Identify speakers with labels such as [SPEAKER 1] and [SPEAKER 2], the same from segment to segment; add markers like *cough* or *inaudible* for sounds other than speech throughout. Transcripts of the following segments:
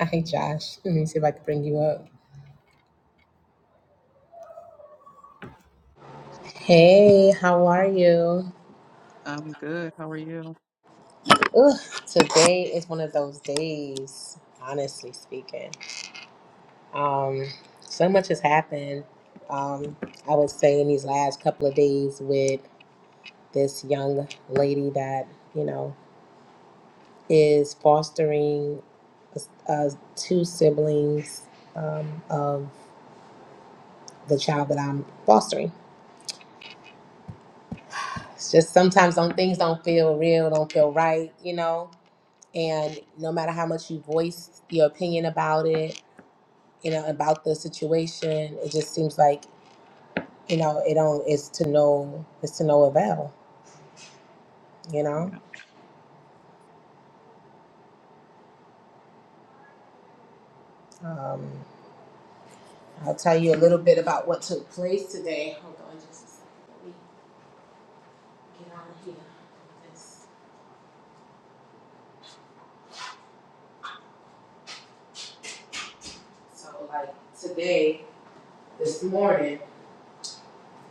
[SPEAKER 1] Hi, Josh. Let me see if I can bring you up. Hey, how are you?
[SPEAKER 2] I'm good. How are you?
[SPEAKER 1] Ugh, today is one of those days, honestly speaking. Um, so much has happened, um, I would say, in these last couple of days with this young lady that, you know, is fostering uh, two siblings um, of the child that I'm fostering. It's just sometimes don't, things don't feel real, don't feel right, you know? and no matter how much you voice your opinion about it you know about the situation it just seems like you know it don't it's to no it's to no avail you know
[SPEAKER 2] Yeah.
[SPEAKER 1] um, i'll tell you a little bit about what took place today so like today this morning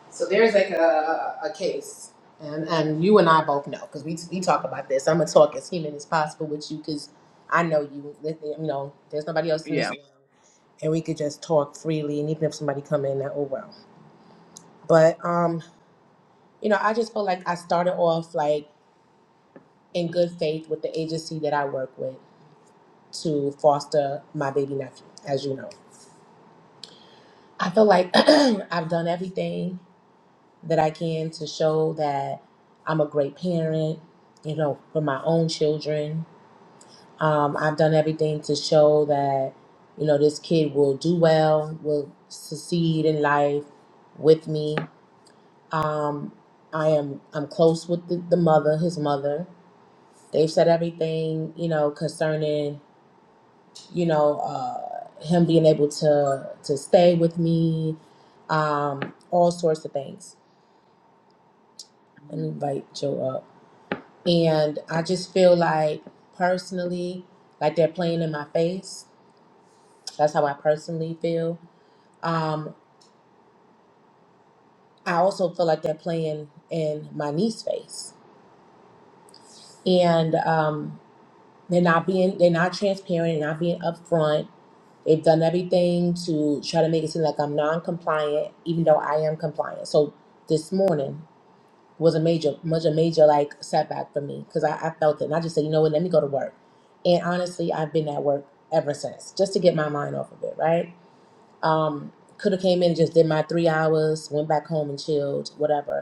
[SPEAKER 1] so there's like a, a case and, and you and i both know because we, we talk about this i'm gonna talk as human as possible with you because i know you you know there's nobody else in this
[SPEAKER 2] Yeah.
[SPEAKER 1] room and we could just talk freely and even if somebody come in that oh well but um you know i just felt like i started off like in good faith with the agency that i work with to foster my baby nephew as you know i feel like *clears throat* i've done everything that i can to show that i'm a great parent you know for my own children um, i've done everything to show that you know this kid will do well will succeed in life with me Um, I am I'm close with the, the mother, his mother. They've said everything, you know, concerning, you know, uh, him being able to to stay with me, um, all sorts of things. Let me
[SPEAKER 2] Mhm.
[SPEAKER 1] invite Joe up. And I just feel like personally, like they're playing in my face. That's how I personally feel. Um, I also feel like they're playing in my niece's face. And um, They're not being they're not transparent, they're not being upfront. They've done everything to try to make it seem like I'm non compliant, even though I am compliant. So this morning was a major much a major like setback for me because I, I felt it and I just said, you know what, let me go to work. And honestly, I've been at work ever since, just to get my mind off of it, right? Um, could have came in and just did my three hours, went back home and chilled, whatever.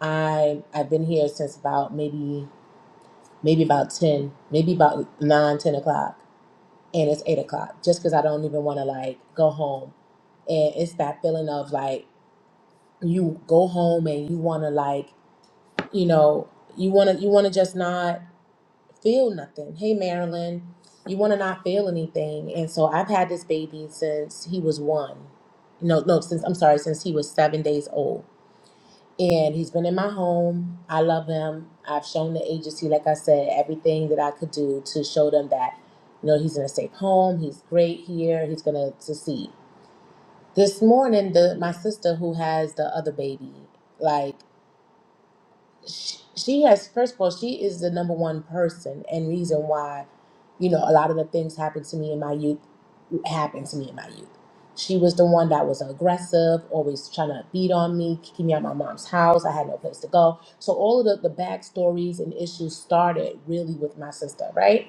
[SPEAKER 1] I I've been here since about maybe maybe about ten, maybe about nine, ten o'clock and it's eight o'clock just because I don't even want to like go home. And it's that feeling of like you go home and you want to like you know you want to you want to just not feel nothing. Hey Marilyn, you want to not feel anything. And so I've had this baby since he was one. No, no, since I'm sorry, since he was seven days old and he's been in my home. I love him. I've shown the agency, like I said, everything that I could do to show them that, you know, he's in a safe home. He's great here. He's gonna succeed. This morning, the my sister who has the other baby, like she, she has first of all she is the number one person and reason why you know a lot of the things happened to me in my youth happened to me in my youth she was the one that was aggressive always trying to beat on me kicking me out my mom's house i had no place to go so all of the, the backstories and issues started really with my sister right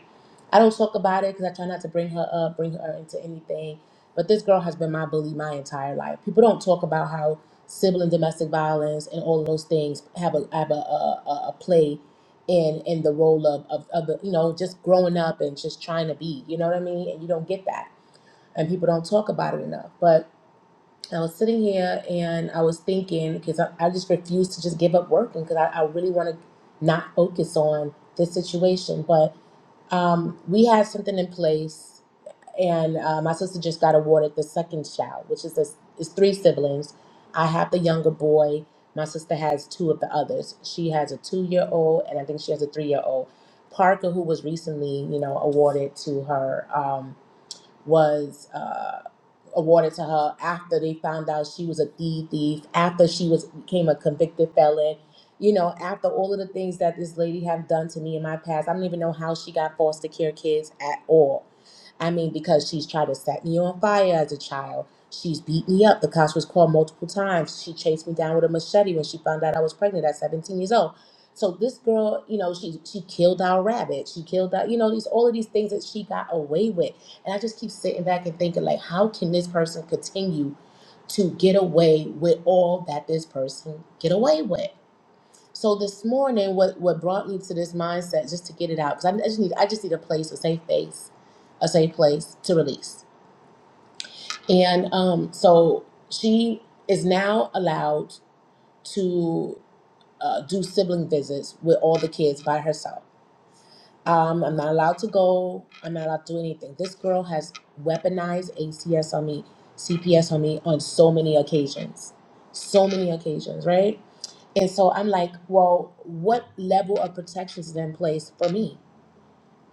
[SPEAKER 1] i don't talk about it because i try not to bring her up bring her into anything but this girl has been my bully my entire life people don't talk about how sibling domestic violence and all of those things have a have a, a, a a play in in the role of, of of the you know just growing up and just trying to be you know what I mean and you don't get that and people don't talk about it enough but I was sitting here and I was thinking because I, I just refuse to just give up working because I, I really want to not focus on this situation but um, we had something in place and uh, my sister just got awarded the second child, which is this is three siblings. I have the younger boy. My sister has two of the others. She has a two-year-old, and I think she has a three-year-old. Parker, who was recently, you know, awarded to her, um, was uh, awarded to her after they found out she was a thief, thief after she was became a convicted felon. You know, after all of the things that this lady have done to me in my past, I don't even know how she got foster care kids at all I mean, because she's tried to set me on fire as a child. She's beat me up. The cops was called multiple times. She chased me down with a machete when she found out I was pregnant at 17 years old. So this girl, you know, she she killed our rabbit. She killed our, you know, these all of these things that she got away with. And I just keep sitting back and thinking, like, how can this person continue to get away with all that this person get away with? So this morning, what what brought me to this mindset, just to get it out, because I, I just need I just need a place, a safe place, a safe place to release. And um, so she is now allowed to uh, do sibling visits with all the kids by herself. Um, I'm not allowed to go. I'm not allowed to do anything. This girl has weaponized ACS on me, CPS on me on so many occasions, so many occasions, right? And so I'm like, well, what level of protections is in place for me?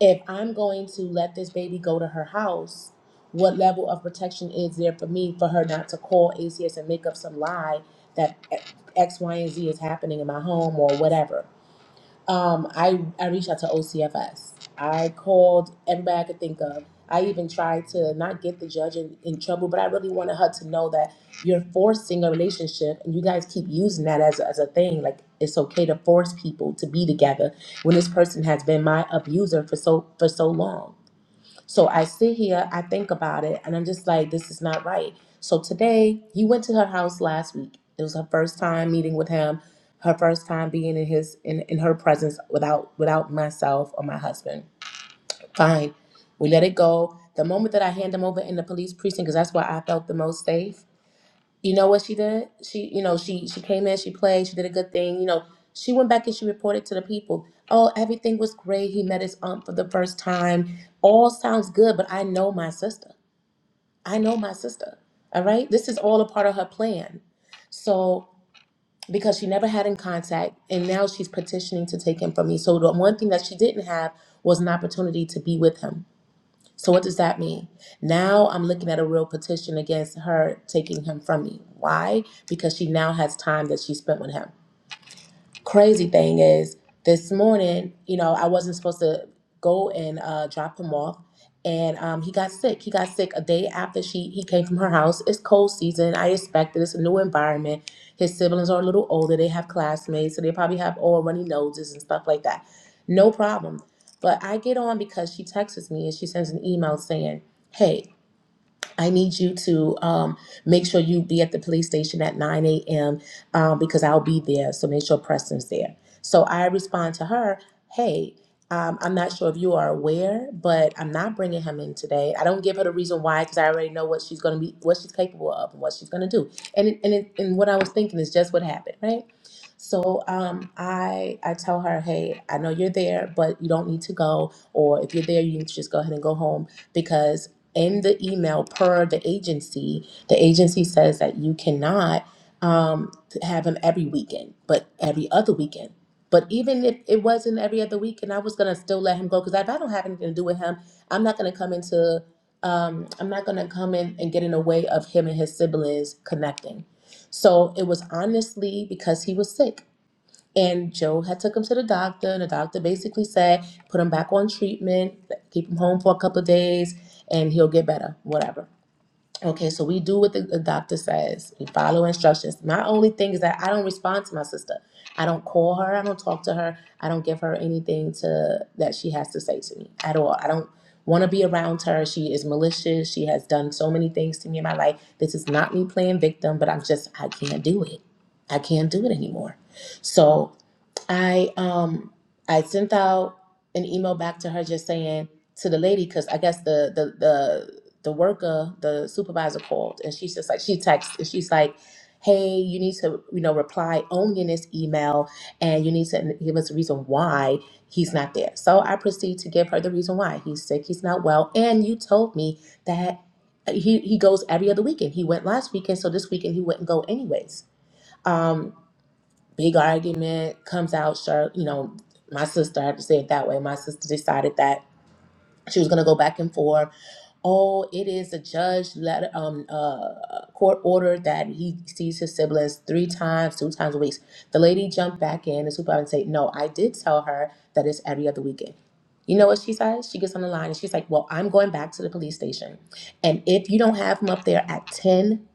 [SPEAKER 1] If I'm going to let this baby go to her house, what level of protection is there for me for her not to call ACS and make up some lie that X, Y, and Z is happening in my home or whatever? Um, I, I reached out to OCFS. I called everybody I could think of. I even tried to not get the judge in, in trouble, but I really wanted her to know that you're forcing a relationship and you guys keep using that as, as a thing. Like it's okay to force people to be together when this person has been my abuser for so for so long. So I sit here, I think about it, and I'm just like, this is not right. So today, he went to her house last week. It was her first time meeting with him, her first time being in his in, in her presence without without myself or my husband. Fine. We let it go. The moment that I hand him over in the police precinct, because that's where I felt the most safe, you know what she did? She, you know, she she came in, she played, she did a good thing. You know, she went back and she reported to the people. Oh, everything was great. He met his aunt for the first time. All sounds good, but I know my sister. I know my sister. All right, this is all a part of her plan. So because she never had in contact, and now she's petitioning to take him from me. So the one thing that she didn't have was an opportunity to be with him. So what does that mean? Now I'm looking at a real petition against her taking him from me. Why? Because she now has time that she spent with him crazy thing is this morning you know i wasn't supposed to go and uh, drop him off and um, he got sick he got sick a day after she he came from her house it's cold season i expect it. it's a new environment his siblings are a little older they have classmates so they probably have all runny noses and stuff like that no problem but i get on because she texts me and she sends an email saying hey I need you to um, make sure you be at the police station at 9 a.m. Um, because I'll be there. So make sure Preston's there. So I respond to her, hey, um, I'm not sure if you are aware, but I'm not bringing him in today. I don't give her the reason why because I already know what she's going to be, what she's capable of, and what she's going to do. And it, and it, and what I was thinking is just what happened, right? So um, I I tell her, hey, I know you're there, but you don't need to go. Or if you're there, you need to just go ahead and go home because in the email per the agency, the agency says that you cannot um, have them every weekend, but every other weekend. But even if it wasn't every other weekend, I was gonna still let him go because if I don't have anything to do with him, I'm not gonna come into, um, I'm not gonna come in and get in the way of him and his siblings connecting. So it was honestly because he was sick. And Joe had took him to the doctor, and the doctor basically said, put him back on treatment, keep him home for a couple of days, and he'll get better, whatever. Okay, so we do what the, the doctor says. We follow instructions. My only thing is that I don't respond to my sister. I don't call her. I don't talk to her. I don't give her anything to that she has to say to me at all. I don't want to be around her. She is malicious. She has done so many things to me in my life. This is not me playing victim, but I'm just I can't do it. I can't do it anymore. So I um I sent out an email back to her just saying to the lady because I guess the the the the worker the supervisor called and she's just like she texts and she's like hey you need to you know reply only in this email and you need to give us a reason why he's not there so i proceed to give her the reason why he's sick he's not well and you told me that he he goes every other weekend he went last weekend so this weekend he wouldn't go anyways Um, big argument comes out sure you know my sister i have to say it that way my sister decided that she was going to go back and forth oh it is a judge letter um uh court order that he sees his siblings three times two times a week the lady jumped back in and supervisor and say no i did tell her that it's every other weekend you know what she says she gets on the line and she's like well i'm going back to the police station and if you don't have him up there at 10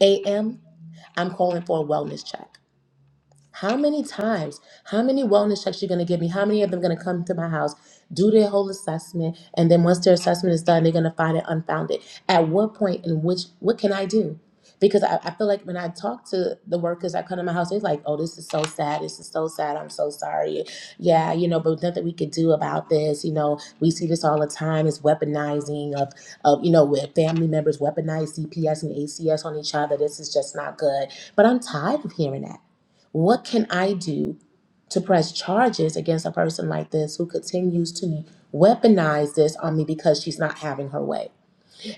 [SPEAKER 1] a.m i'm calling for a wellness check how many times, how many wellness checks you gonna give me? How many of them gonna come to my house, do their whole assessment, and then once their assessment is done, they're gonna find it unfounded? At what point and which what can I do? Because I, I feel like when I talk to the workers that come to my house, they're like, Oh, this is so sad, this is so sad, I'm so sorry. Yeah, you know, but nothing we could do about this, you know, we see this all the time, it's weaponizing of of you know, where family members weaponize CPS and ACS on each other. This is just not good. But I'm tired of hearing that. What can I do to press charges against a person like this who continues to weaponize this on me because she's not having her way?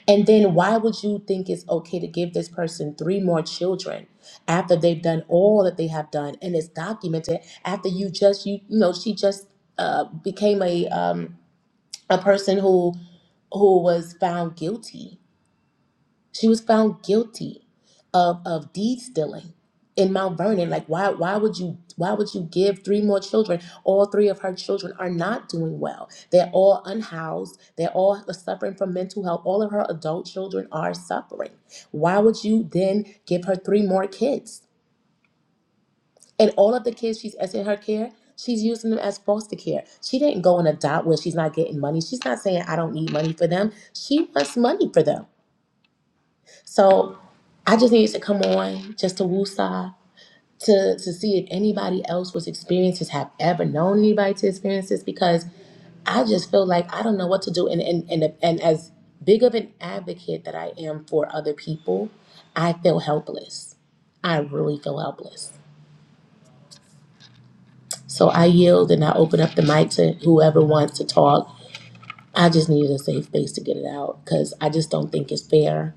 [SPEAKER 1] And then why would you think it's okay to give this person three more children after they've done all that they have done and it's documented after you just you you know she just uh became a um a person who who was found guilty she was found guilty of of deed stealing in Mount Vernon. Like why why would you why would you give three more children? All three of her children are not doing well. They're all unhoused. They're all suffering from mental health. All of her adult children are suffering. Why would you then give her three more kids? And all of the kids she's as in her care, she's using them as foster care. She didn't go and adopt where she's not getting money. She's not saying I don't need money for them. She wants money for them. So I just needed to come on just to woosah to to see if anybody else was experiencing this, have ever known anybody to experience this because I just feel like I don't know what to do and and and, and as big of an advocate that I am for other people, I feel helpless. I really feel helpless. So I yield and I open up the mic to whoever wants to talk. I just needed a safe space to get it out because I just don't think it's fair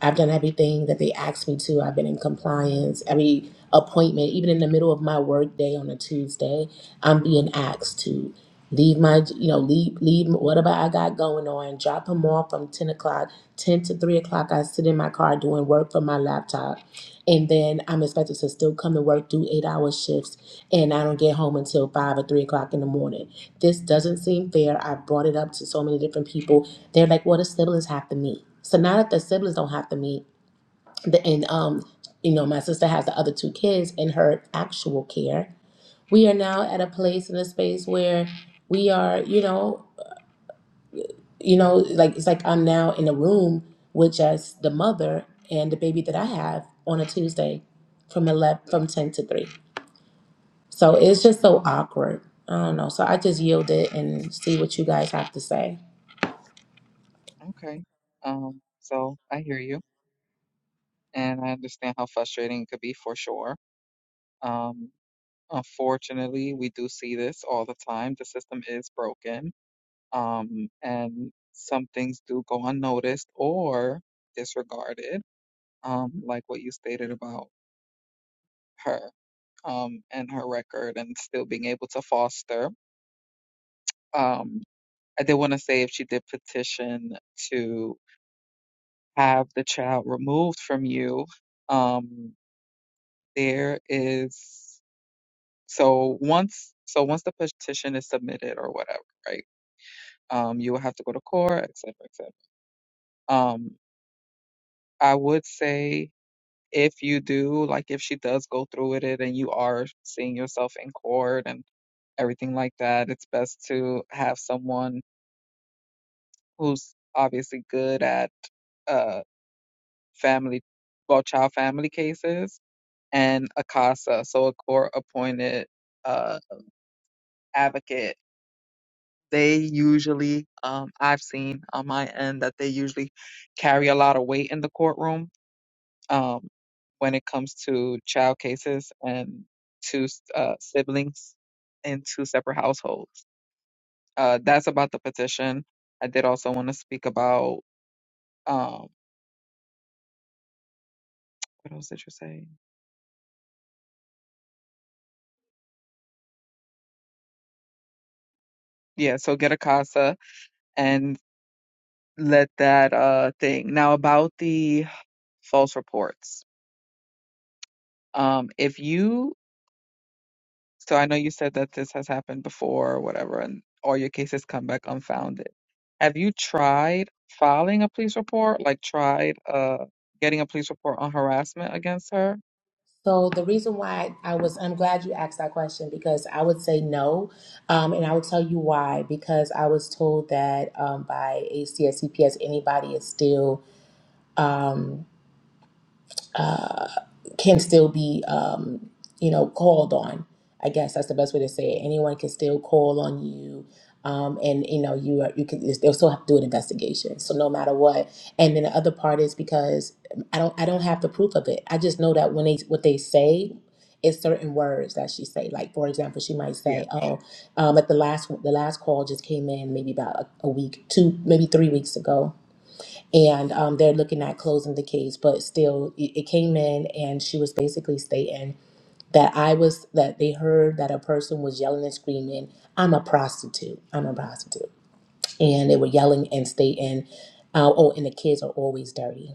[SPEAKER 1] I've done everything that they asked me to. I've been in compliance. Every appointment, even in the middle of my work day on a Tuesday, I'm being asked to leave my, you know, leave, leave whatever I got going on, drop them off from 10 o'clock. 10 to 3 o'clock, I sit in my car doing work from my laptop. And then I'm expected to still come to work, do eight hour shifts, and I don't get home until 5 or 3 o'clock in the morning. This doesn't seem fair. I've brought it up to so many different people they're like, well, the siblings have to meet. So now that the siblings don't have to meet, the, and um, you know, my sister has the other two kids in her actual care. We are now at a place in a space where we are, you know, you know, like it's like I'm now in a room with just the mother and the baby that I have on a Tuesday from eleven from ten to three. So it's just so awkward. I don't know. So I just yielded and see what you guys have to say.
[SPEAKER 2] Okay. Um, so I hear you and I understand how frustrating it could be for sure. Um, unfortunately, we do see this all the time. The system is broken. Um, and some things do go unnoticed or disregarded. Um, like what you stated about her, um, and her record and still being able to foster. Um, I did want to say if she did petition to have the child removed from you, um, there is so once so once the petition is submitted or whatever, right? Um, you will have to go to court, et cetera, et cetera. Um, I would say if you do, like if she does go through with it and you are seeing yourself in court and everything like that, it's best to have someone who's obviously good at uh family well child family cases and ACASA, so a court appointed uh, advocate. They usually, um, I've seen on my end that they usually carry a lot of weight in the courtroom um, when it comes to child cases and two uh, siblings in two separate households. Uh, that's about the petition. I did also want to speak about um, what else did you say? Yeah, so get ACASA and let that uh, thing. Now about the false reports Um, if you, so I know you said that this has happened before or whatever, and all your cases come back unfounded. Have you tried filing a police report? Like tried uh getting a police report on harassment against her?
[SPEAKER 1] So the reason why I was, I'm glad you asked that question because I would say no, um, and I will tell you why. Because I was told that um, by ACSCPS anybody is still. Um, uh, can still be, um, you know, called on. I guess that's the best way to say it. Anyone can still call on you, um, and you know, you are, you can they'll still have to do an investigation. So no matter what. And then the other part is because I don't I don't have the proof of it. I just know that when they what they say. is certain words that she say. Like for example, she might
[SPEAKER 2] Yeah,
[SPEAKER 1] say, "Oh, um, at the last the last call just came in, maybe about a, a week, two, maybe three weeks ago." and um, they're looking at closing the case but still it, it came in and she was basically stating that i was that they heard that a person was yelling and screaming i'm a prostitute i'm a prostitute and they were yelling and stating uh, oh and the kids are always dirty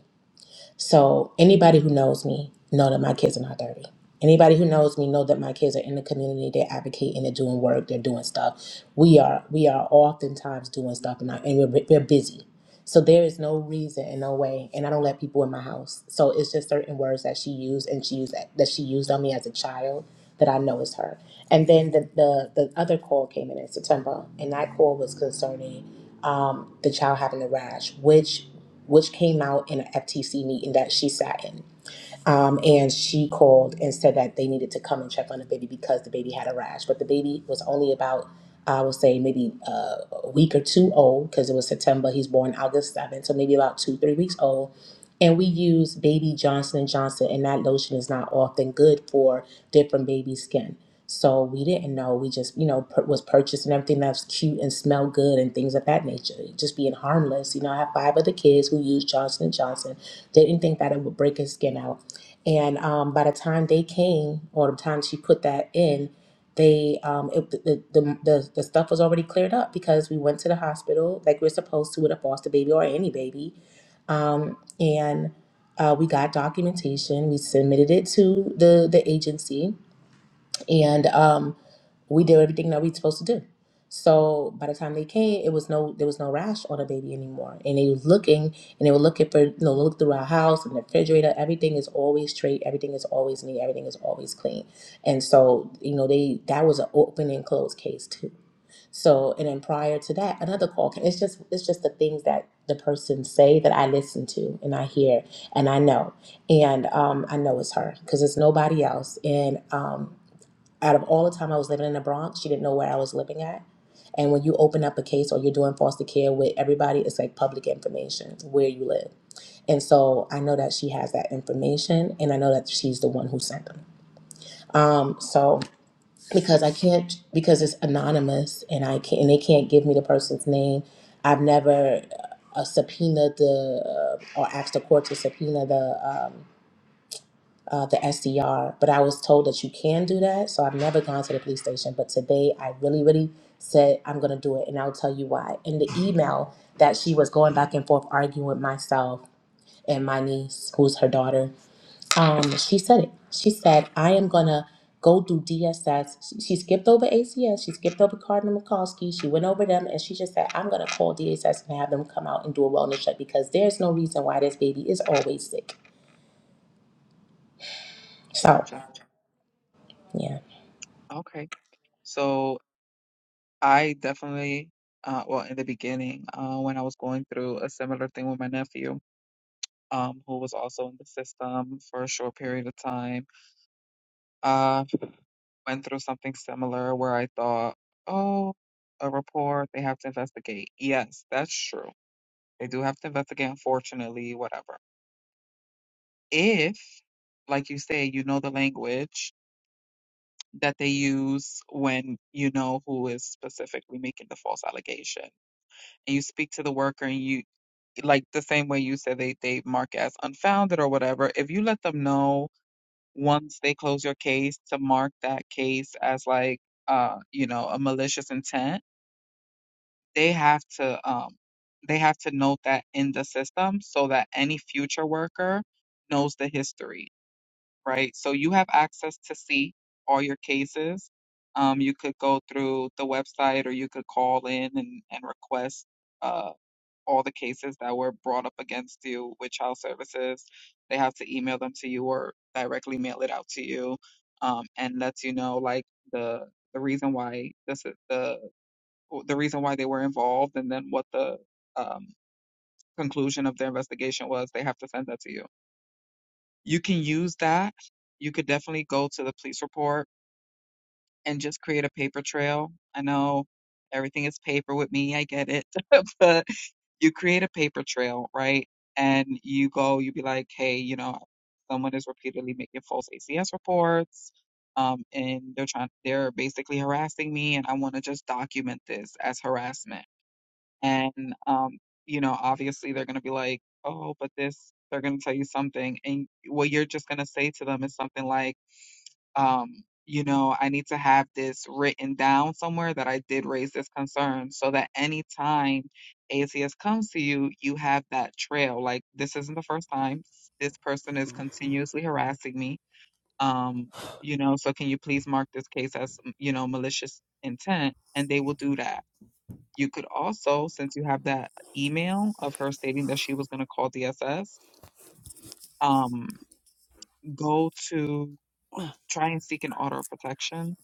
[SPEAKER 1] so anybody who knows me know that my kids are not dirty. Anybody who knows me know that my kids are in the community. They're advocating. They're doing work. They're doing stuff. We are we are oftentimes doing stuff and, I, and we're, we're busy. So there is no reason and no way. And I don't let people in my house. So it's just certain words that she used and she used that, that she used on me as a child that I know is her. And then the the, the other call came in in September, and that call was concerning um, the child having the rash, which which came out in an FTC meeting that she sat in. Um, and she called and said that they needed to come and check on the baby because the baby had a rash. But the baby was only about, I would say, maybe uh, a week or two old because it was September. He's born August 7th, so maybe about two, three weeks old. And we use Baby Johnson& and Johnson, and that lotion is not often good for different baby skin. So we didn't know. We just, you know, pur- was purchasing everything that's cute and smell good and things of that nature. Just being harmless. You know, I have five other kids who use Johnson& and Johnson. Didn't think that it would break his skin out. And um, by the time they came, or the time she put that in, they um, it, the, the the the stuff was already cleared up because we went to the hospital like we are supposed to with a foster baby or any baby, um, and uh, we got documentation. We submitted it to the the agency, and um, we did everything that we supposed to do. So by the time they came, it was no there was no rash on the baby anymore. And they was looking and they were looking for you know, look through our house and the refrigerator. Everything is always straight, everything is always neat, everything is always clean. And so, you know, they that was an open and closed case too. So and then prior to that, another call came. It's just it's just the things that the person say that I listen to and I hear and I know. And um I know it's her because it's nobody else. And um out of all the time I was living in the Bronx, she didn't know where I was living at. And when you open up a case or you're doing foster care with everybody, it's like public information where you live. And so I know that she has that information, and I know that she's the one who sent them. Um, so because I can't because it's anonymous, and I can't and they can't give me the person's name. I've never uh, subpoenaed the uh, or asked the court to subpoena the. Um, uh, the SDR, but I was told that you can do that. So I've never gone to the police station. But today I really, really said I'm going to do it. And I'll tell you why. In the email that she was going back and forth arguing with myself and my niece, who's her daughter, um, she said it. She said, I am going to go through DSS. She she skipped over ACS. She skipped over Cardinal Mikulski. She went over them and she just said, I'm going to call DSS and have them come out and do a wellness check because there's no reason why this baby is always sick. So,
[SPEAKER 2] gotcha.
[SPEAKER 1] yeah.
[SPEAKER 2] Okay. So I definitely, uh, well, in the beginning, uh, when I was going through a similar thing with my nephew, um, who was also in the system for a short period of time, went through something similar where I thought, oh, a report, they have to investigate. Yes, that's true. They do have to investigate, unfortunately, whatever. If, like you say, you know the language that they use when you know who is specifically making the false allegation, and you speak to the worker and you, like the same way you said they, they mark as unfounded or whatever, if you let them know once they close your case to mark that case as like, uh, you know, a malicious intent, they have to um they have to note that in the system so that any future worker knows the history, right? So you have access to see all your cases. Um, you could go through the website or you could call in and, and request uh, all the cases that were brought up against you with child services. They have to email them to you or directly mail it out to you um, and lets you know like the the reason why this is the the reason why they were involved and then what the um, conclusion of their investigation was, they have to send that to you. You can use that. You could definitely go to the police report and just create a paper trail. I know everything is paper with me, I get it, *laughs* but you create a paper trail, right? And you go, you be like, hey, you know, someone is repeatedly making false ACS reports. Um, and they're trying, they're basically harassing me, and I want to just document this as harassment And, um, you know, obviously they're going to be like, oh, but this, they're going to tell you something. And what you're just going to say to them is something like, um, you know, I need to have this written down somewhere that I did raise this concern so that anytime ACS comes to you, you have that trail. Like, this isn't the first time. This person is continuously harassing me. Um, you know, so can you please mark this case as, you know, malicious intent? And they will do that you could also, since you have that email of her stating that she was going to call DSS, um, go to try and seek an order of protection.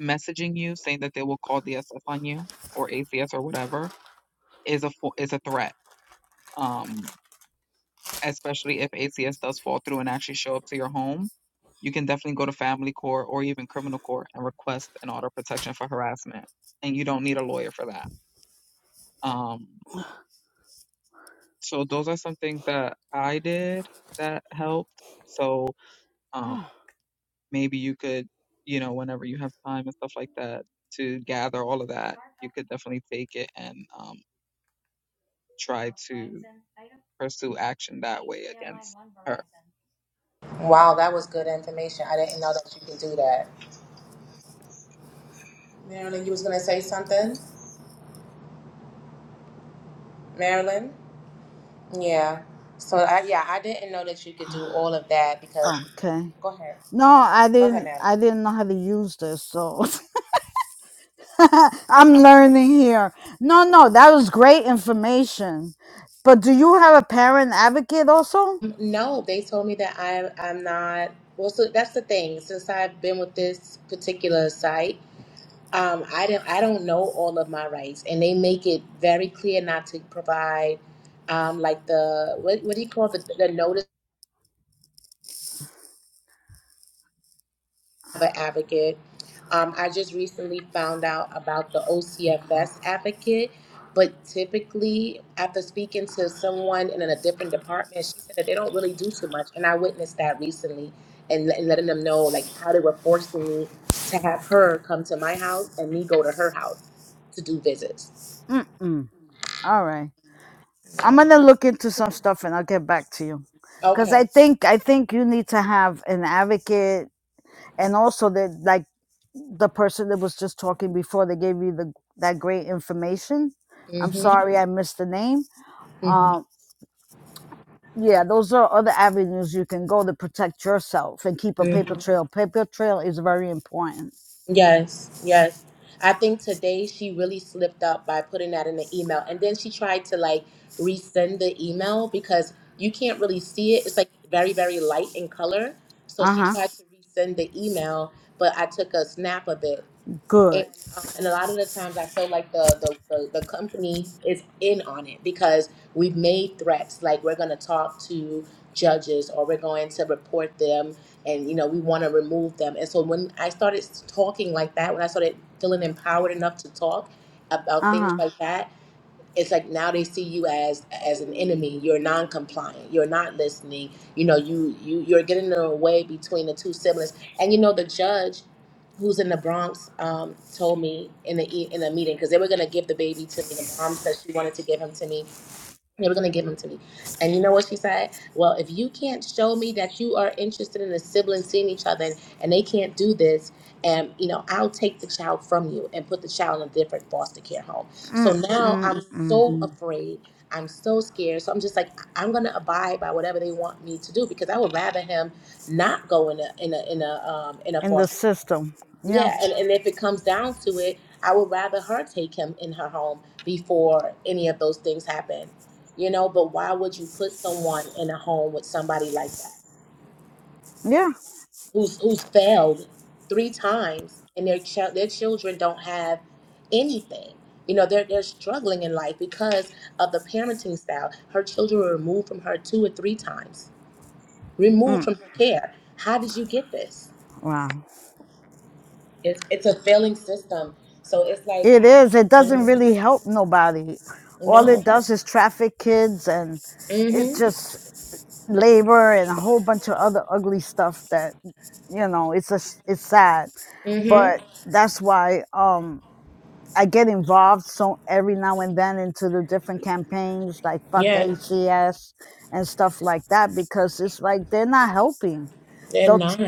[SPEAKER 2] Messaging you saying that they will call DSS on you or ACS or whatever is a fo- is a threat. Um, especially if ACS does fall through and actually show up to your home, you can definitely go to family court or even criminal court and request an order of protection for harassment. And you don't need a lawyer for that. Um, So those are some things that I did that helped. So um, maybe you could, you know, whenever you have time and stuff like that, to gather all of that, you could definitely take it and um, try to pursue action that way against her.
[SPEAKER 1] Wow, that was good information. I didn't know that you could do that. Marilyn, you was gonna say something? Marilyn? Yeah. So I yeah, I didn't know that you could do all of that because
[SPEAKER 3] okay.
[SPEAKER 1] go ahead.
[SPEAKER 3] No, I
[SPEAKER 1] Go ahead,
[SPEAKER 3] didn't.
[SPEAKER 1] Marilyn.
[SPEAKER 3] I didn't know how to use this, so *laughs* I'm learning here. No, no, that was great information. But do you have a parent advocate also?
[SPEAKER 1] No, they told me that I I'm not well so that's the thing. Since I've been with this particular site, um, I don't I don't know all of my rights and they make it very clear not to provide um, like the what what do you call the the notice? an advocate. Um, I just recently found out about the OCFS advocate, but typically, after speaking to someone in a different department, she said that they don't really do too much. And I witnessed that recently and, let- letting them know like how they were forcing me to have her come to my house and me go to her house to do visits.
[SPEAKER 3] Mm-mm. All right. I'm gonna look into some stuff and I'll get back to you. Cause
[SPEAKER 1] Okay.
[SPEAKER 3] I think I think you need to have an advocate and also that like the person that was just talking before they gave you the that great information. I'm
[SPEAKER 1] hmm
[SPEAKER 3] sorry I missed the name Um, yeah, those are other avenues you can go to protect yourself and keep a
[SPEAKER 1] hmm
[SPEAKER 3] paper trail. Paper trail is very important.
[SPEAKER 1] Yes, yes. I think today she really slipped up by putting that in the email. And then she tried to like resend the email because you can't really see it. It's like very, very light in color. So
[SPEAKER 3] Uh
[SPEAKER 1] she
[SPEAKER 3] huh.
[SPEAKER 1] tried to resend the email, but I took a snap of it and
[SPEAKER 3] Good.
[SPEAKER 1] um, and a lot of the times I feel like the, the the the company is in on it because we've made threats like we're going to talk to judges or we're going to report them and you know we want to remove them and so when I started talking like that when I started feeling empowered enough to talk about
[SPEAKER 3] Uh
[SPEAKER 1] things
[SPEAKER 3] huh.
[SPEAKER 1] like that it's like now they see you as as an enemy you're non-compliant you're not listening you know you you you're getting in the way between the two siblings and you know the judge who's in the bronx um, told me in the e- in a meeting because they were going to give the baby to me the mom said she wanted to give him to me they were going to give them to me. And you know what she said? Well, if you can't show me that you are interested in the siblings seeing each other and, and they can't do this, and you know, I'll take the child from you and put the child in a different foster care home. So
[SPEAKER 3] Mm,
[SPEAKER 1] now *laughs*
[SPEAKER 3] mm,
[SPEAKER 1] I'm
[SPEAKER 3] mm.
[SPEAKER 1] so afraid. I'm so scared. So I'm just like, I- I'm going to abide by whatever they want me to do because I would rather him not go in a in a in a um in a
[SPEAKER 3] In the
[SPEAKER 1] foster.
[SPEAKER 3] system. Yeah.
[SPEAKER 1] Yeah, and, and if it comes down to it, I would rather her take him in her home before any of those things happen. You know, but why would you put someone in a home with somebody like that
[SPEAKER 3] Yeah.
[SPEAKER 1] who's who's failed three times and their child their children don't have anything. You know, they're they're struggling in life because of the parenting style. Her children were removed from her two or three times. Removed
[SPEAKER 3] Mm.
[SPEAKER 1] from her care. How did you get this?
[SPEAKER 3] Wow.
[SPEAKER 1] It's it's a failing system. So it's like
[SPEAKER 3] It
[SPEAKER 1] I-
[SPEAKER 3] is. It
[SPEAKER 1] you
[SPEAKER 3] doesn't really help nobody. All
[SPEAKER 1] know,
[SPEAKER 3] it does is traffic kids and it's
[SPEAKER 1] Mm-hmm.
[SPEAKER 3] just labor and a whole bunch of other ugly stuff that you know it's a. it's sad
[SPEAKER 1] Mm-hmm.
[SPEAKER 3] but that's why Um. I get involved so every now and then into the different campaigns like fuck
[SPEAKER 1] Yes.
[SPEAKER 3] ACS and stuff like that because it's like they're not helping.
[SPEAKER 1] They're
[SPEAKER 3] They'll
[SPEAKER 1] not.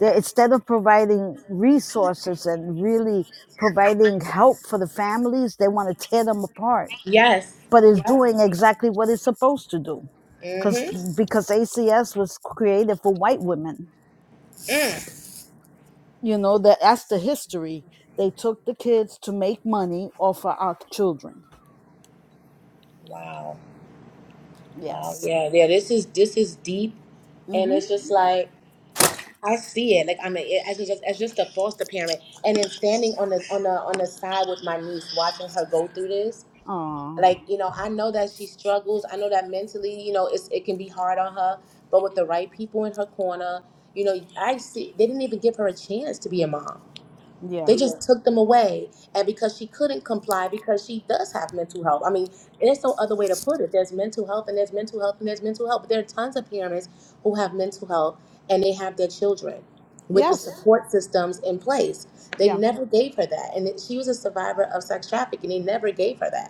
[SPEAKER 3] they instead of providing resources and really providing help for the families, they want to tear them apart.
[SPEAKER 1] Yes.
[SPEAKER 3] But it's
[SPEAKER 1] Yep.
[SPEAKER 3] doing exactly what it's supposed to do. Cause
[SPEAKER 1] Mm-hmm.
[SPEAKER 3] because ACS was created for white women.
[SPEAKER 1] Mm.
[SPEAKER 3] You know, that that's the history. They took the kids to make money off of our children.
[SPEAKER 1] Wow. Wow.
[SPEAKER 3] Yes.
[SPEAKER 1] Yeah. Yeah. This is this is deep, and
[SPEAKER 3] Mm-hmm.
[SPEAKER 1] it's just like I see it. Like I'm a, as just as just a foster parent, and then standing on the on the on the side with my niece, watching her go through this.
[SPEAKER 3] Oh,
[SPEAKER 1] Like you know, I know that she struggles. I know that mentally, you know, it's it can be hard on her. But with the right people in her corner, you know, I see they didn't even give her a chance to be a mom They
[SPEAKER 3] yeah.
[SPEAKER 1] just took them away. And because she couldn't comply, because she does have mental health. I mean, there's no other way to put it. There's mental health and there's mental health and there's mental health. But there are tons of parents who have mental health and they have their children with the
[SPEAKER 3] Yes.
[SPEAKER 1] support systems in place. They
[SPEAKER 3] Yeah.
[SPEAKER 1] never gave her that. And it- she was a survivor of sex trafficking. They never gave her that.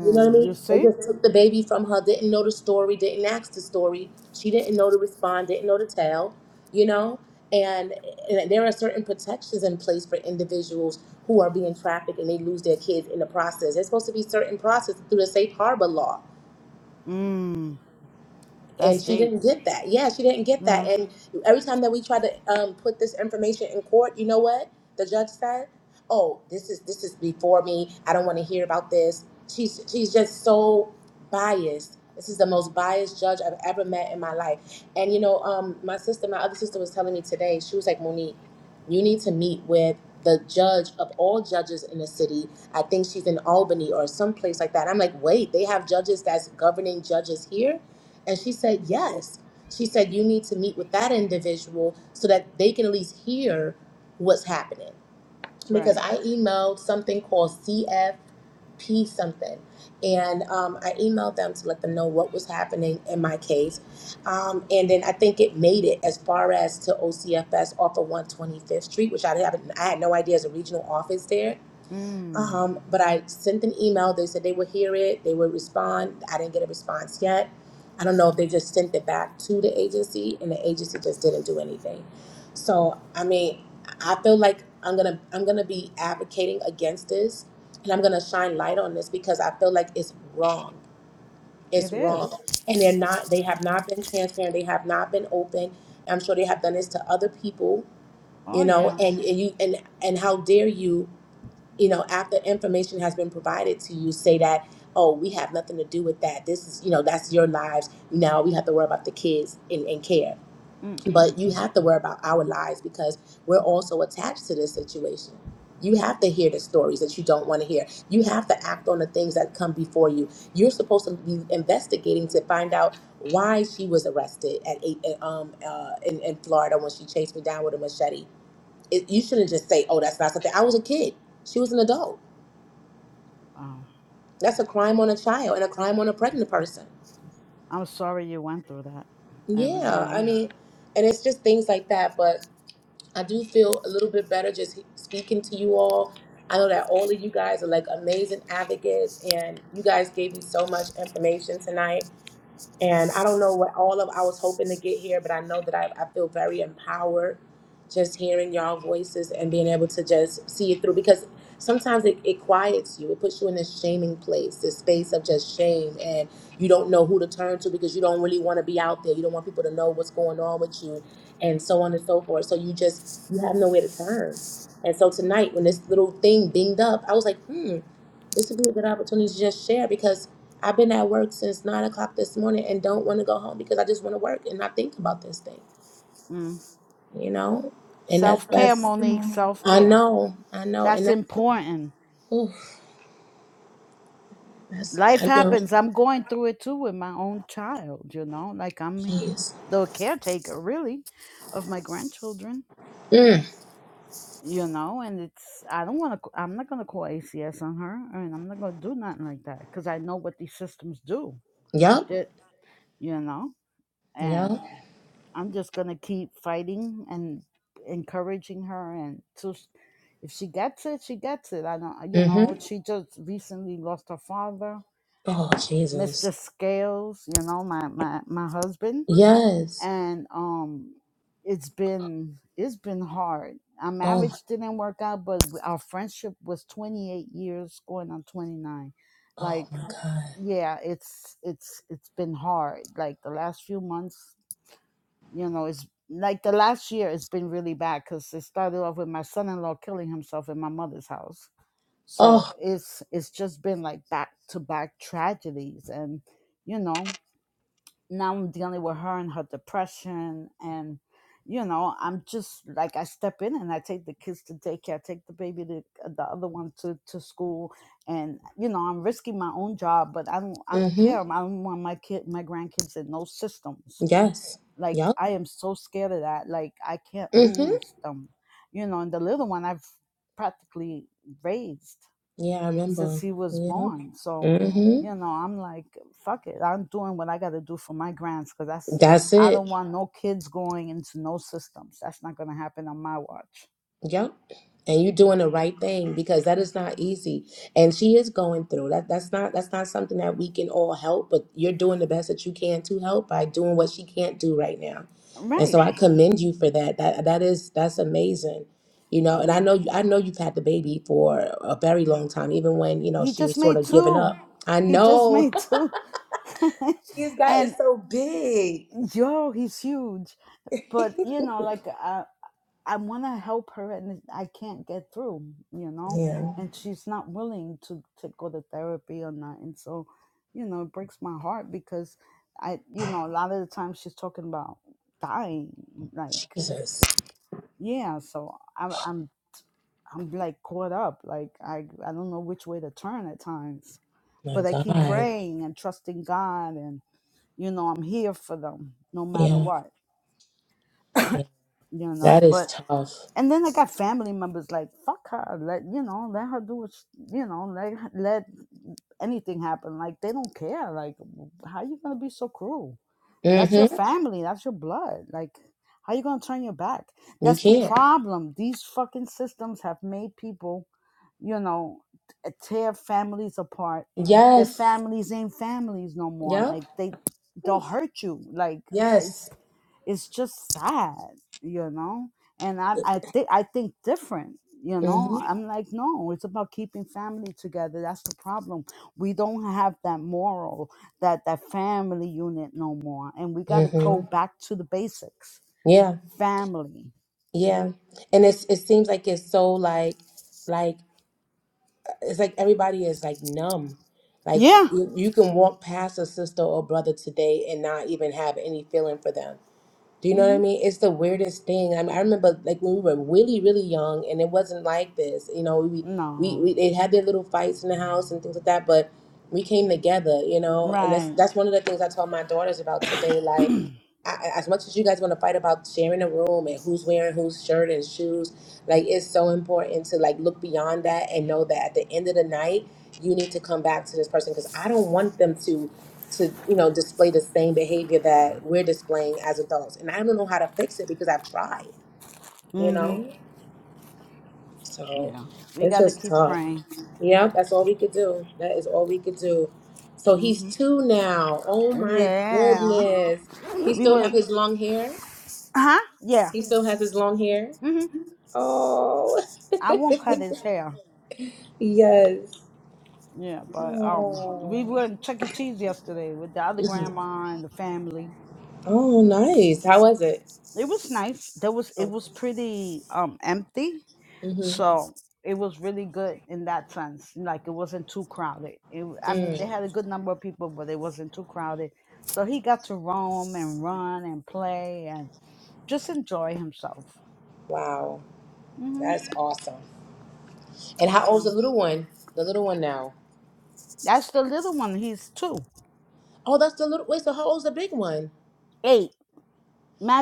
[SPEAKER 1] You know what I
[SPEAKER 3] you
[SPEAKER 1] mean? They
[SPEAKER 3] see?
[SPEAKER 1] just took the baby from her, didn't know the story, didn't ask the story. She didn't know to respond, didn't know to tell, you know? And, and there are certain protections in place for individuals who are being trafficked and they lose their kids in the process. There's supposed to be certain process through the safe harbor law
[SPEAKER 3] Mm,
[SPEAKER 1] and
[SPEAKER 3] that's
[SPEAKER 1] she
[SPEAKER 3] deep.
[SPEAKER 1] didn't get that. Yeah, she didn't get that.
[SPEAKER 3] Yeah.
[SPEAKER 1] And every time that we try to um, put this information in court, you know what the judge said? Oh, this is this is before me. I don't want to hear about this. She's she's just so biased. This is the most biased judge I've ever met in my life. And you know, um, my sister, my other sister was telling me today. She was like, Monique, you need to meet with the judge of all judges in the city. I think she's in Albany or someplace like that. I'm like, wait, they have judges that's governing judges here and she said, Yes. She said, You need to meet with that individual so that they can at least hear what's happening. Because
[SPEAKER 3] Right.
[SPEAKER 1] I emailed something called CFP something. And um, I emailed them to let them know what was happening in my case. Um, and then I think it made it as far as to OCFS off of 125th Street, which I, haven't, I had no idea as a regional office there.
[SPEAKER 3] Mm,
[SPEAKER 1] Um, but I sent an email. They said they would hear it, they would respond. I didn't get a response yet. I don't know if they just sent it back to the agency and the agency just didn't do anything. So I mean, I feel like I'm gonna I'm gonna be advocating against this and I'm gonna shine light on this because I feel like it's wrong. It's
[SPEAKER 3] it
[SPEAKER 1] wrong.
[SPEAKER 3] is.
[SPEAKER 1] And they're not they have not been transparent, they have not been open. I'm sure they have done this to other people, you
[SPEAKER 3] Oh,
[SPEAKER 1] know,
[SPEAKER 3] yeah.
[SPEAKER 1] and, and you and and how dare you you know, after information has been provided to you, say that, oh, we have nothing to do with that. This is, you know, that's your lives. Now we have to worry about the kids and, and care.
[SPEAKER 3] Mm-mm-mm.
[SPEAKER 1] But you have to worry about our lives because we're also attached to this situation. You have to hear the stories that you don't want to hear. You have to act on the things that come before you. You're supposed to be investigating to find out why she was arrested at eight, um, uh, in, in Florida when she chased me down with a machete. It, you shouldn't just say, "Oh, that's not something." I was a kid. She was an adult
[SPEAKER 3] Wow.
[SPEAKER 1] that's a crime on a child and a crime on a pregnant person.
[SPEAKER 3] I'm sorry you went through that. I really
[SPEAKER 1] Yeah, I
[SPEAKER 3] am.
[SPEAKER 1] mean, and it's just things like that. But I do feel a little bit better just speaking to you all. I know that all of you guys are like amazing advocates, and you guys gave me so much information tonight. and I don't know what all of I was hoping to get here, but I know that I, I feel very empowered just hearing y'all voices and being able to just see it through because sometimes it, it quiets you. It puts you in this shaming place, this space of just shame and you don't know who to turn to because you don't really want to be out there. You don't want people to know what's going on with you and so on and so forth. So you just you have nowhere to turn. And so tonight when this little thing binged up, I was like, hmm, this would be a good opportunity to just share because I've been at work since nine o'clock this morning and don't want to go home because I just want to work and not think about this thing,
[SPEAKER 3] Mm.
[SPEAKER 1] you know. And that's
[SPEAKER 3] Self care,
[SPEAKER 1] that's
[SPEAKER 3] Monique, self
[SPEAKER 1] I
[SPEAKER 3] care.
[SPEAKER 1] know, I know, and
[SPEAKER 3] That's
[SPEAKER 1] that's
[SPEAKER 3] important.
[SPEAKER 1] ooh, that's
[SPEAKER 3] Life
[SPEAKER 1] I know.
[SPEAKER 3] happens. I'm going through it too with my own child, you know? Like I'm
[SPEAKER 1] Jeez.
[SPEAKER 3] the caretaker, really, of my grandchildren
[SPEAKER 1] Mm,
[SPEAKER 3] you know and it's i don't want to i'm not going to call acs on her and i'm not going to do nothing like that because i know what these systems do
[SPEAKER 1] yep.
[SPEAKER 3] that you know
[SPEAKER 1] Yep.
[SPEAKER 3] and i'm just going to keep fighting and encouraging her and so sh- if she gets it she gets it i don't you
[SPEAKER 1] Mm-hmm.
[SPEAKER 3] know she just recently lost her father
[SPEAKER 1] Oh Jesus.
[SPEAKER 3] mr scales you know my my, my husband
[SPEAKER 1] Yes.
[SPEAKER 3] and um it's been it's been hard our
[SPEAKER 1] Oh my.
[SPEAKER 3] marriage didn't work out but our friendship was 28 years going on 29
[SPEAKER 1] Oh
[SPEAKER 3] like
[SPEAKER 1] my God.
[SPEAKER 3] yeah it's it's it's been hard like the last few months you know it's like the last year it's been really bad because it started off with my son-in-law killing himself in my mother's house so
[SPEAKER 1] Oh.
[SPEAKER 3] it's it's just been like back to back tragedies and you know now I'm dealing with her and her depression and you know, I'm just like I step in and I take the kids to daycare, I take the baby to uh, the other one to, to school and you know, I'm risking my own job, but I don't I don't
[SPEAKER 1] Mm-hmm.
[SPEAKER 3] care. I don't want my kid my grandkids in no systems.
[SPEAKER 1] Yes.
[SPEAKER 3] Like
[SPEAKER 1] Yep.
[SPEAKER 3] I am so scared of that. Like I can't
[SPEAKER 1] Mm-hmm.
[SPEAKER 3] lose them. You know, and the little one I've practically raised
[SPEAKER 1] Yeah, I
[SPEAKER 3] since
[SPEAKER 1] remember.
[SPEAKER 3] he was
[SPEAKER 1] Yep.
[SPEAKER 3] born. So,
[SPEAKER 1] Mm-hmm.
[SPEAKER 3] you know, I'm like, fuck it. I'm doing what I got to do for my grands because that's,
[SPEAKER 1] That's
[SPEAKER 3] I
[SPEAKER 1] it.
[SPEAKER 3] don't want no kids going into no systems. That's not going to happen on my watch.
[SPEAKER 1] Yep. And you're doing the right thing because that is not easy. And she is going through that. That's not that's not something that we can all help, but you're doing the best that you can to help by doing what she can't do right now. And
[SPEAKER 3] Right.
[SPEAKER 1] so I commend you for that. That that is that's amazing. You know, and I
[SPEAKER 3] You
[SPEAKER 1] know you I know you've had the baby for a very long time, even when, you know,
[SPEAKER 3] he
[SPEAKER 1] she
[SPEAKER 3] just
[SPEAKER 1] was sort
[SPEAKER 3] made
[SPEAKER 1] of giving up.
[SPEAKER 3] two.
[SPEAKER 1] I
[SPEAKER 3] He just
[SPEAKER 1] know.
[SPEAKER 3] made two.
[SPEAKER 1] *laughs* He's is
[SPEAKER 3] *laughs* and
[SPEAKER 1] so big.
[SPEAKER 3] yo, he's huge.
[SPEAKER 1] *laughs*
[SPEAKER 3] But, you know, like, uh. I want to help her and I can't get through, you know,
[SPEAKER 1] Yeah.
[SPEAKER 3] and she's not willing to, to go to therapy or not. And so, you know, it breaks my heart because I, you know, a lot of the time she's talking about dying, like,
[SPEAKER 1] Jesus.
[SPEAKER 3] yeah. So I'm, I'm, I'm like caught up. Like I, I don't know which way to turn at times,
[SPEAKER 1] My
[SPEAKER 3] but I keep
[SPEAKER 1] God.
[SPEAKER 3] praying and trusting God and, you know, I'm here for them no matter
[SPEAKER 1] Yeah.
[SPEAKER 3] what,
[SPEAKER 1] yeah.
[SPEAKER 3] you
[SPEAKER 1] That
[SPEAKER 3] know,
[SPEAKER 1] is
[SPEAKER 3] but
[SPEAKER 1] tough.
[SPEAKER 3] and then I got family members like fuck her, let you know, let her do what she, you know, let let anything happen. Like they don't care. Like how you gonna be so cruel?
[SPEAKER 1] Hmm.
[SPEAKER 3] That's your family. That's your blood. Like, how you gonna turn your back?
[SPEAKER 1] You
[SPEAKER 3] That's the
[SPEAKER 1] can.
[SPEAKER 3] problem. These fucking systems have made people, you know, t- tear families apart. Their
[SPEAKER 1] Yes.
[SPEAKER 3] families ain't families no more.
[SPEAKER 1] Yep.
[SPEAKER 3] Like they, they'll
[SPEAKER 1] Oof.
[SPEAKER 3] hurt you. Like it's,
[SPEAKER 1] Yes.
[SPEAKER 3] it's just sad, you know. And I, I think, I think different. You know,
[SPEAKER 1] hmm
[SPEAKER 3] I'm like, no, it's about keeping family together. That's the problem. We don't have that moral that that family unit no more and we got to
[SPEAKER 1] hmm
[SPEAKER 3] go back to the basics
[SPEAKER 1] Yeah.
[SPEAKER 3] family
[SPEAKER 1] Yeah. And it's it seems like it's so like like it's like everybody is like numb. Like
[SPEAKER 3] yeah
[SPEAKER 1] you, you can walk past a sister or brother today and not even have any feeling for them. Do you know what
[SPEAKER 3] hmm
[SPEAKER 1] I mean? It's the weirdest thing. I, I remember like when we were really, really young, and it wasn't like this. You know, we, we
[SPEAKER 3] no
[SPEAKER 1] we they had their little fights in the house and things like that, but we came together. You know, and that's
[SPEAKER 3] right
[SPEAKER 1] that's one of the things I told my daughters about today.
[SPEAKER 3] *clears throat*
[SPEAKER 1] Like, I, I- as much as you guys want to fight about sharing a room and who's wearing whose shirt and shoes, like it's so important to like look beyond that and know that at the end of the night, you need to come back to this person because I don't want them to to you know display the same behavior that we're displaying as adults and i don't know how to fix it because i've tried you
[SPEAKER 3] hmm
[SPEAKER 1] know so
[SPEAKER 3] yeah we
[SPEAKER 1] it's
[SPEAKER 3] got to
[SPEAKER 1] just
[SPEAKER 3] keep
[SPEAKER 1] tough
[SPEAKER 3] praying
[SPEAKER 1] yeah that's all we could do that is all we could do so he's
[SPEAKER 3] hmm
[SPEAKER 1] two now oh my
[SPEAKER 3] yeah
[SPEAKER 1] goodness he
[SPEAKER 3] we
[SPEAKER 1] still have
[SPEAKER 3] would
[SPEAKER 1] his long hair
[SPEAKER 3] huh yeah
[SPEAKER 1] he still has his long hair
[SPEAKER 3] hmm
[SPEAKER 1] oh
[SPEAKER 3] i won't cut
[SPEAKER 1] *laughs*
[SPEAKER 3] his hair
[SPEAKER 1] yes
[SPEAKER 3] yeah but um we
[SPEAKER 1] oh,
[SPEAKER 3] went chuck e cheese yesterday with the other grandma and the family
[SPEAKER 1] oh nice how was it
[SPEAKER 3] It was nice. There was it
[SPEAKER 1] oh,
[SPEAKER 3] was pretty um empty,
[SPEAKER 1] hmm
[SPEAKER 3] so it was really good in that sense. Like it wasn't too crowded. It, w- I mean, they
[SPEAKER 1] mm,
[SPEAKER 3] had a good number of people, but it wasn't too crowded. So he got to roam and run and play and just enjoy himself.
[SPEAKER 1] wow
[SPEAKER 3] hmm
[SPEAKER 1] that's awesome And how
[SPEAKER 3] Yeah,
[SPEAKER 1] old's the little one? The little one now.
[SPEAKER 3] that's the little one. He's two,
[SPEAKER 1] Oh, that's the little. Wait, so how old's the big one?
[SPEAKER 3] eight,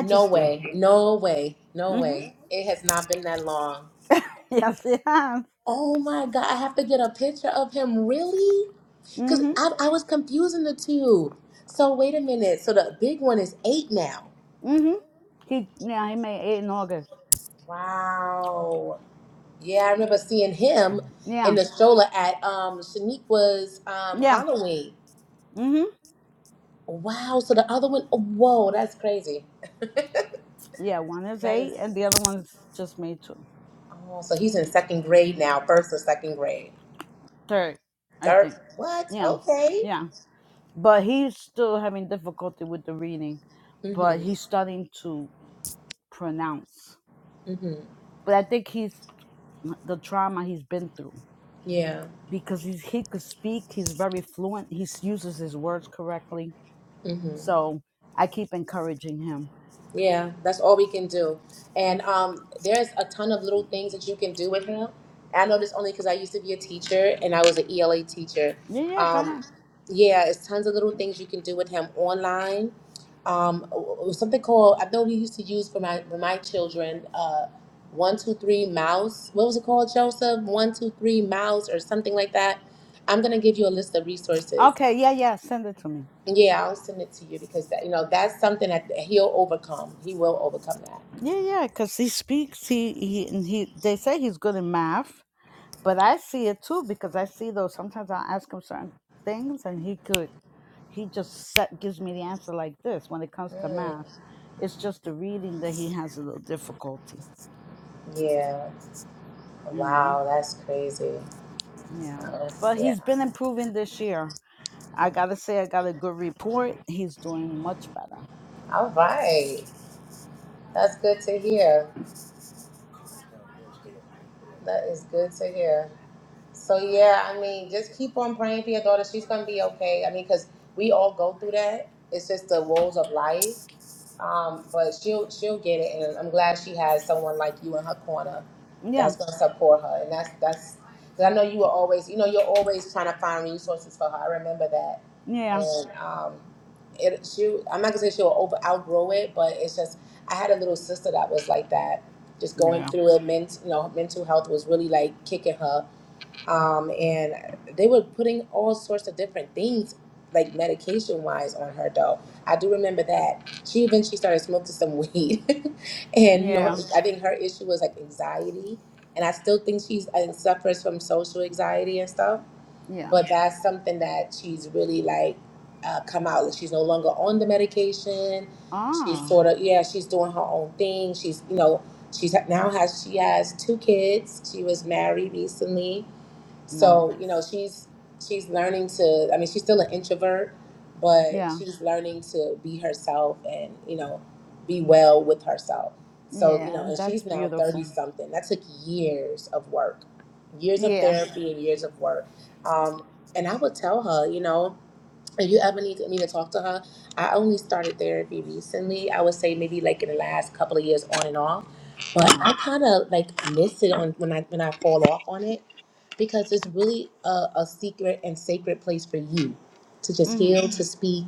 [SPEAKER 1] No way. No way. No
[SPEAKER 3] hmm
[SPEAKER 1] way. It has not been that long.
[SPEAKER 3] *laughs* Yes, it has.
[SPEAKER 1] Oh my God. I have to get a picture of him. Really? Because
[SPEAKER 3] hmm
[SPEAKER 1] I, I was confusing the two. So wait a minute. So the big one is eight now.
[SPEAKER 3] hmm He yeah, he made eight in August.
[SPEAKER 1] Wow. Yeah, I remember seeing him in
[SPEAKER 3] Yeah,
[SPEAKER 1] the stroller at um Shaniqua's um
[SPEAKER 3] yeah.
[SPEAKER 1] Halloween.
[SPEAKER 3] Mm-hmm.
[SPEAKER 1] Wow. So the other one, oh, whoa, that's crazy.
[SPEAKER 3] Yeah, one is
[SPEAKER 1] That
[SPEAKER 3] eight
[SPEAKER 1] is.
[SPEAKER 3] and the other one's just made two.
[SPEAKER 1] Oh, so he's in second grade now, first or second grade.
[SPEAKER 3] Third, I
[SPEAKER 1] Third,
[SPEAKER 3] think.
[SPEAKER 1] what?
[SPEAKER 3] Yeah.
[SPEAKER 1] Okay.
[SPEAKER 3] Yeah. But he's still having difficulty with the reading, but
[SPEAKER 1] Mhm.
[SPEAKER 3] he's starting to pronounce.
[SPEAKER 1] Mhm.
[SPEAKER 3] But I think he's the trauma he's been through
[SPEAKER 1] Yeah.
[SPEAKER 3] because he's, he could speak, he's very fluent, he s- uses his words correctly.
[SPEAKER 1] Mhm.
[SPEAKER 3] So I keep encouraging him.
[SPEAKER 1] Yeah. That's all we can do. And um, there's a ton of little things that you can do with him. I know this only because I used to be a teacher and I was an ELA teacher.
[SPEAKER 3] Yeah, yeah, go
[SPEAKER 1] Um,
[SPEAKER 3] ahead.
[SPEAKER 1] yeah, it's tons of little things you can do with him online um, something called I know we used to use for my for my children. Uh, one two three mouse. What was it called, Joseph? One two three mouse or something like that. I'm gonna give you a list of resources.
[SPEAKER 3] Okay, yeah, yeah, send it to me.
[SPEAKER 1] Yeah, I'll send it to you because that you know that's something that he'll overcome. He will overcome that.
[SPEAKER 3] Yeah, yeah, because he speaks. He he and he. They say he's good in math. but I see it too because I see those. Sometimes I'll ask him certain things, and he could he just set, gives me the answer like this. When it comes to
[SPEAKER 1] Mm,
[SPEAKER 3] math, it's just the reading that he has a little difficulty,
[SPEAKER 1] yeah.
[SPEAKER 3] you know.
[SPEAKER 1] Wow, that's crazy.
[SPEAKER 3] Yeah,
[SPEAKER 1] Oh,
[SPEAKER 3] but
[SPEAKER 1] yeah.
[SPEAKER 3] he's been improving this year. I gotta say, I got a good report. He's doing much better.
[SPEAKER 1] All right. That's good to hear. That is good to hear. So yeah, I mean, just keep on praying for your daughter. She's gonna be okay. I mean, cause we all go through that. It's just the woes of life. Um, but she'll she'll get it, and I'm glad she has someone like you in her corner
[SPEAKER 3] Yeah,
[SPEAKER 1] that's gonna support her. And that's that's. Cause I know you were always, you know, you're always trying to find resources for her. I remember that,
[SPEAKER 3] yeah,
[SPEAKER 1] and um, it she. I'm not gonna say she'll over outgrow it, but it's just I had a little sister that was like that, just going
[SPEAKER 3] yeah,
[SPEAKER 1] through it. Ment, you know, mental health was really like kicking her um, and they were putting all sorts of different things like medication wise on her though i do remember that she eventually started smoking some weed *laughs* and you know
[SPEAKER 3] yeah,
[SPEAKER 1] i think her issue was like anxiety and i still think she's uh, suffers from social anxiety and stuff
[SPEAKER 3] yeah.
[SPEAKER 1] but that's something that she's really like uh, come out like she's no longer on the medication she's
[SPEAKER 3] Ah,
[SPEAKER 1] sort of yeah she's doing her own thing she's you know she's now has she has two kids she was married recently so, you know,
[SPEAKER 3] nice.
[SPEAKER 1] she's she's learning to I mean, she's still an introvert, but
[SPEAKER 3] Yeah,
[SPEAKER 1] she's learning to be herself and, you know, be well with herself. So, you
[SPEAKER 3] yeah,
[SPEAKER 1] know, and
[SPEAKER 3] that's
[SPEAKER 1] she's now 30
[SPEAKER 3] beautiful.
[SPEAKER 1] something. That took years of work. Years of
[SPEAKER 3] Yeah.
[SPEAKER 1] therapy and years of work. Um and I would tell her, you know, if you ever need me to talk to her, I only started therapy recently. I would say maybe like in the last couple of years, on and off.
[SPEAKER 3] Uh
[SPEAKER 1] But
[SPEAKER 3] huh.
[SPEAKER 1] I kind of like miss it on when I when I fall off on it because it's really a, a secret and sacred place for you to just
[SPEAKER 3] Mhm.
[SPEAKER 1] heal, to speak,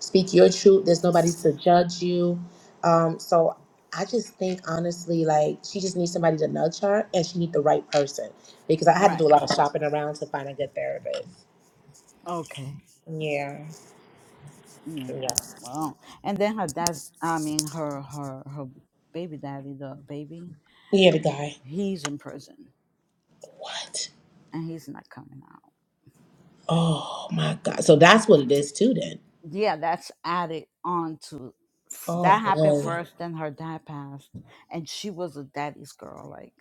[SPEAKER 1] speak your truth. There's nobody to judge you. Um, so I just think honestly, like she just needs somebody to nudge her, and she needs the right person because I had to
[SPEAKER 3] Right.
[SPEAKER 1] do a lot of shopping around to find a good therapist.
[SPEAKER 3] Okay. Yeah.
[SPEAKER 1] Yeah,
[SPEAKER 3] well, And then her dad, I mean, her her her baby daddy, the baby,
[SPEAKER 1] yeah, the guy.
[SPEAKER 3] he's in prison
[SPEAKER 1] What?
[SPEAKER 3] and he's not coming out.
[SPEAKER 1] Oh my God. So that's what it is too then.
[SPEAKER 3] Yeah, that's added on to
[SPEAKER 1] Oh
[SPEAKER 3] that happened
[SPEAKER 1] boy.
[SPEAKER 3] first. Then her dad passed, and she was a daddy's girl. Like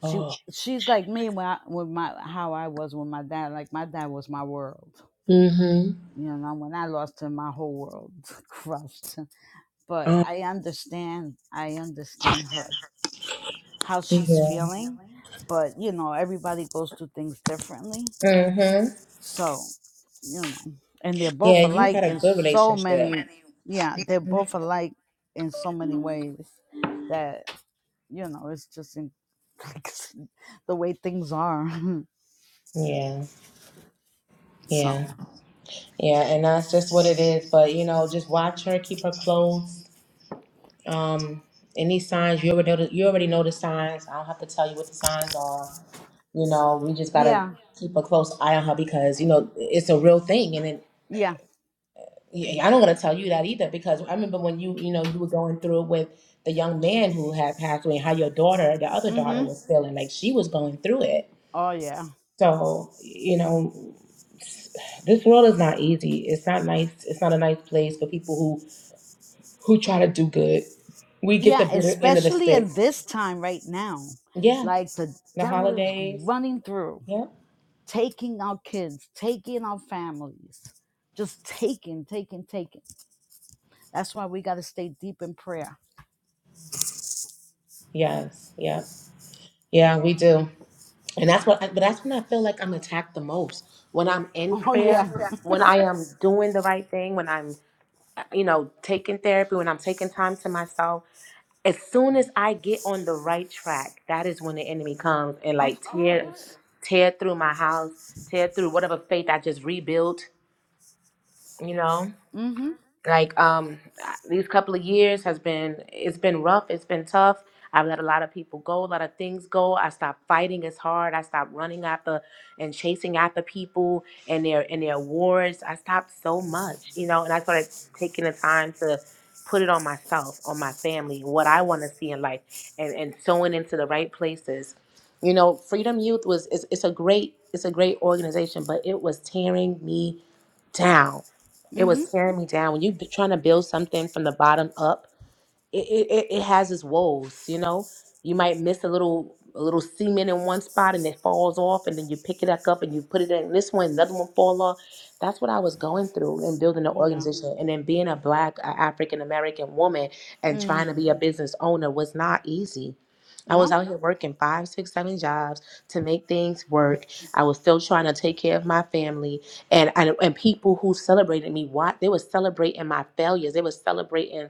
[SPEAKER 3] she
[SPEAKER 1] Oh.
[SPEAKER 3] she's like me when I, when my how I was with my dad. Like my dad was my world.
[SPEAKER 1] Mm-hmm.
[SPEAKER 3] You know, when I lost him, my whole world *laughs* crushed. But
[SPEAKER 1] Oh,
[SPEAKER 3] I understand. I understand her how she's
[SPEAKER 1] yeah.
[SPEAKER 3] feeling. But you know, everybody goes through things differently.
[SPEAKER 1] Mm-hmm.
[SPEAKER 3] So, you know, and they're
[SPEAKER 1] Yeah,
[SPEAKER 3] both
[SPEAKER 1] you had
[SPEAKER 3] alike
[SPEAKER 1] a
[SPEAKER 3] in
[SPEAKER 1] good
[SPEAKER 3] so
[SPEAKER 1] relationship.
[SPEAKER 3] many. Yeah, they're
[SPEAKER 1] Mhm.
[SPEAKER 3] both alike in so many ways that you know it's just in, *laughs* like the way things are. *laughs*
[SPEAKER 1] Yeah,
[SPEAKER 3] so
[SPEAKER 1] yeah, yeah, and that's just what it is. But you know, just watch her, keep her close. Um, any signs you already know the, you already know the signs. I don't have to tell you what the signs are. You know, we just gotta
[SPEAKER 3] yeah,
[SPEAKER 1] keep a close eye on her because you know it's a real thing, and
[SPEAKER 3] yeah.
[SPEAKER 1] Yeah, I'm not gonna tell you that either because I remember when you, you know, you were going through it with the young man who had passed away and how your daughter, the other daughter,
[SPEAKER 3] Mhm.
[SPEAKER 1] was feeling like she was going through it.
[SPEAKER 3] Oh yeah.
[SPEAKER 1] So, you know, s- this world is not easy. It's not nice. It's not a nice place for people who who try to do good. We get
[SPEAKER 3] Yeah,
[SPEAKER 1] the bitter end of the
[SPEAKER 3] especially
[SPEAKER 1] stick.
[SPEAKER 3] in this time right now.
[SPEAKER 1] Yeah,
[SPEAKER 3] Like the
[SPEAKER 1] the
[SPEAKER 3] devil is
[SPEAKER 1] holidays.
[SPEAKER 3] running through.
[SPEAKER 1] Yep.
[SPEAKER 3] taking our kids, taking our families, just taking, taking, taking. That's why we got to stay deep in prayer. *laughs*
[SPEAKER 1] Yes. Yep. Yeah, we do. And that's what, I, but that's when I feel like I'm attacked the most. When I'm in
[SPEAKER 3] Oh yeah,
[SPEAKER 1] prayer, when I am doing the right thing, when I'm, uh, you know, taking therapy, when I'm taking time to myself. As soon as I get on the right track, that is when the enemy comes and like
[SPEAKER 3] of
[SPEAKER 1] tear,
[SPEAKER 3] course.
[SPEAKER 1] tear through my house, tear through whatever faith I just rebuilt. You know
[SPEAKER 3] Mhm.
[SPEAKER 1] like um these couple of years has been it's been rough it's been tough i've let a lot of people go a lot of things go i stopped fighting as hard i stopped running after and chasing after people and their and their awards i stopped so much you know and i started taking the time to put it on myself on my family what i want to see in life and and sewing into the right places you know freedom youth was it's, it's a great it's a great organization but it was tearing me down it was
[SPEAKER 3] Mhm.
[SPEAKER 1] tearing me down. When you're trying to build something from the bottom up, it, it, it it has its woes, you know. You might miss a little a little semen in one spot and it falls off and then you pick it back up and you put it in this one, another one fall off. That's what I was going through in building an
[SPEAKER 3] No.
[SPEAKER 1] organization and then being a black African American woman and trying to
[SPEAKER 3] Mm.
[SPEAKER 1] be a business owner was not easy. I was
[SPEAKER 3] No.
[SPEAKER 1] out here working five, six, seven jobs to make things work. I was still trying to take care of my family and and, and people who celebrated me, what they were celebrating my failures. They were celebrating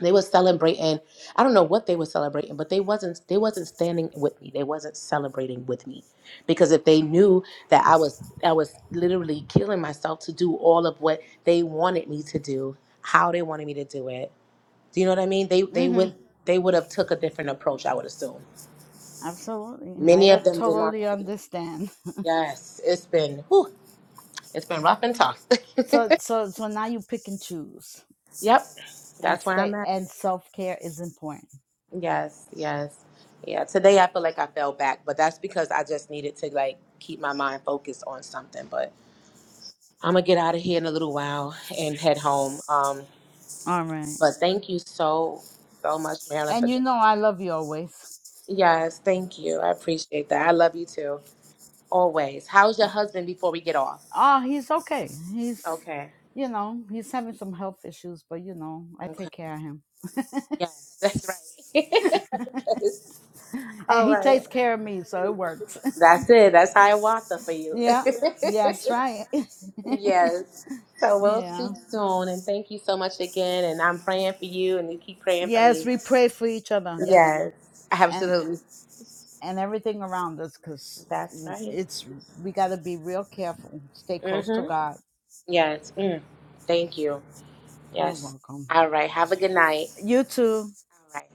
[SPEAKER 1] they were celebrating i don't know what they were celebrating but they wasn't they wasn't standing with me they wasn't celebrating with me because if they knew that i was i was literally killing myself to do all of what they wanted me to do how they wanted me to do it do you know what i mean they they
[SPEAKER 3] Mhm.
[SPEAKER 1] would they would have took a different approach i would assume
[SPEAKER 3] Absolutely. I
[SPEAKER 1] many
[SPEAKER 3] uh,
[SPEAKER 1] of them did not
[SPEAKER 3] totally understand.
[SPEAKER 1] yes it's been whew, it's been rough and tough
[SPEAKER 3] So so so now you pick and choose
[SPEAKER 1] *laughs* yep
[SPEAKER 3] and
[SPEAKER 1] that's where i'm
[SPEAKER 3] stay
[SPEAKER 1] at
[SPEAKER 3] and self care is important.
[SPEAKER 1] Yes, yes. Yeah, today I feel like I fell back, but that's because I just needed to like keep my mind focused on something. But I'm gonna get out of here in a little while and head home. Um,
[SPEAKER 3] All right.
[SPEAKER 1] but thank you so, so much, Marilyn, for
[SPEAKER 3] And you
[SPEAKER 1] jumping
[SPEAKER 3] know I love you always.
[SPEAKER 1] on. Yes, thank you. I appreciate that. I love you too, always. How's your husband before we get off?
[SPEAKER 3] Ah, he's okay. He's,
[SPEAKER 1] Okay.
[SPEAKER 3] you know, he's having some health issues, but you know, I
[SPEAKER 1] Okay.
[SPEAKER 3] take care of him,
[SPEAKER 1] Yes, that's right. *laughs* okay.
[SPEAKER 3] *laughs* and
[SPEAKER 1] All
[SPEAKER 3] he
[SPEAKER 1] right.
[SPEAKER 3] takes care of me, so it works.
[SPEAKER 1] That's it. That's how I want them for
[SPEAKER 3] *laughs*
[SPEAKER 1] you.
[SPEAKER 3] yeah. Yes,
[SPEAKER 1] *laughs*
[SPEAKER 3] right. *laughs*
[SPEAKER 1] Yes. So we'll
[SPEAKER 3] yeah.
[SPEAKER 1] speak soon. And thank you so much again. And I'm praying for you, and you keep praying for
[SPEAKER 3] Yes,
[SPEAKER 1] me.
[SPEAKER 3] we pray for each other. Yes,
[SPEAKER 1] Yes.
[SPEAKER 3] and
[SPEAKER 1] Absolutely.
[SPEAKER 3] and everything around us,
[SPEAKER 1] That's
[SPEAKER 3] because
[SPEAKER 1] right.
[SPEAKER 3] it's we got to be real careful. Stay close to
[SPEAKER 1] Mm-hmm.
[SPEAKER 3] God.
[SPEAKER 1] Yes. Mm. Thank you.
[SPEAKER 3] You're
[SPEAKER 1] Yes.
[SPEAKER 3] welcome.
[SPEAKER 1] All right. Have a good night.
[SPEAKER 3] You too.
[SPEAKER 1] All right.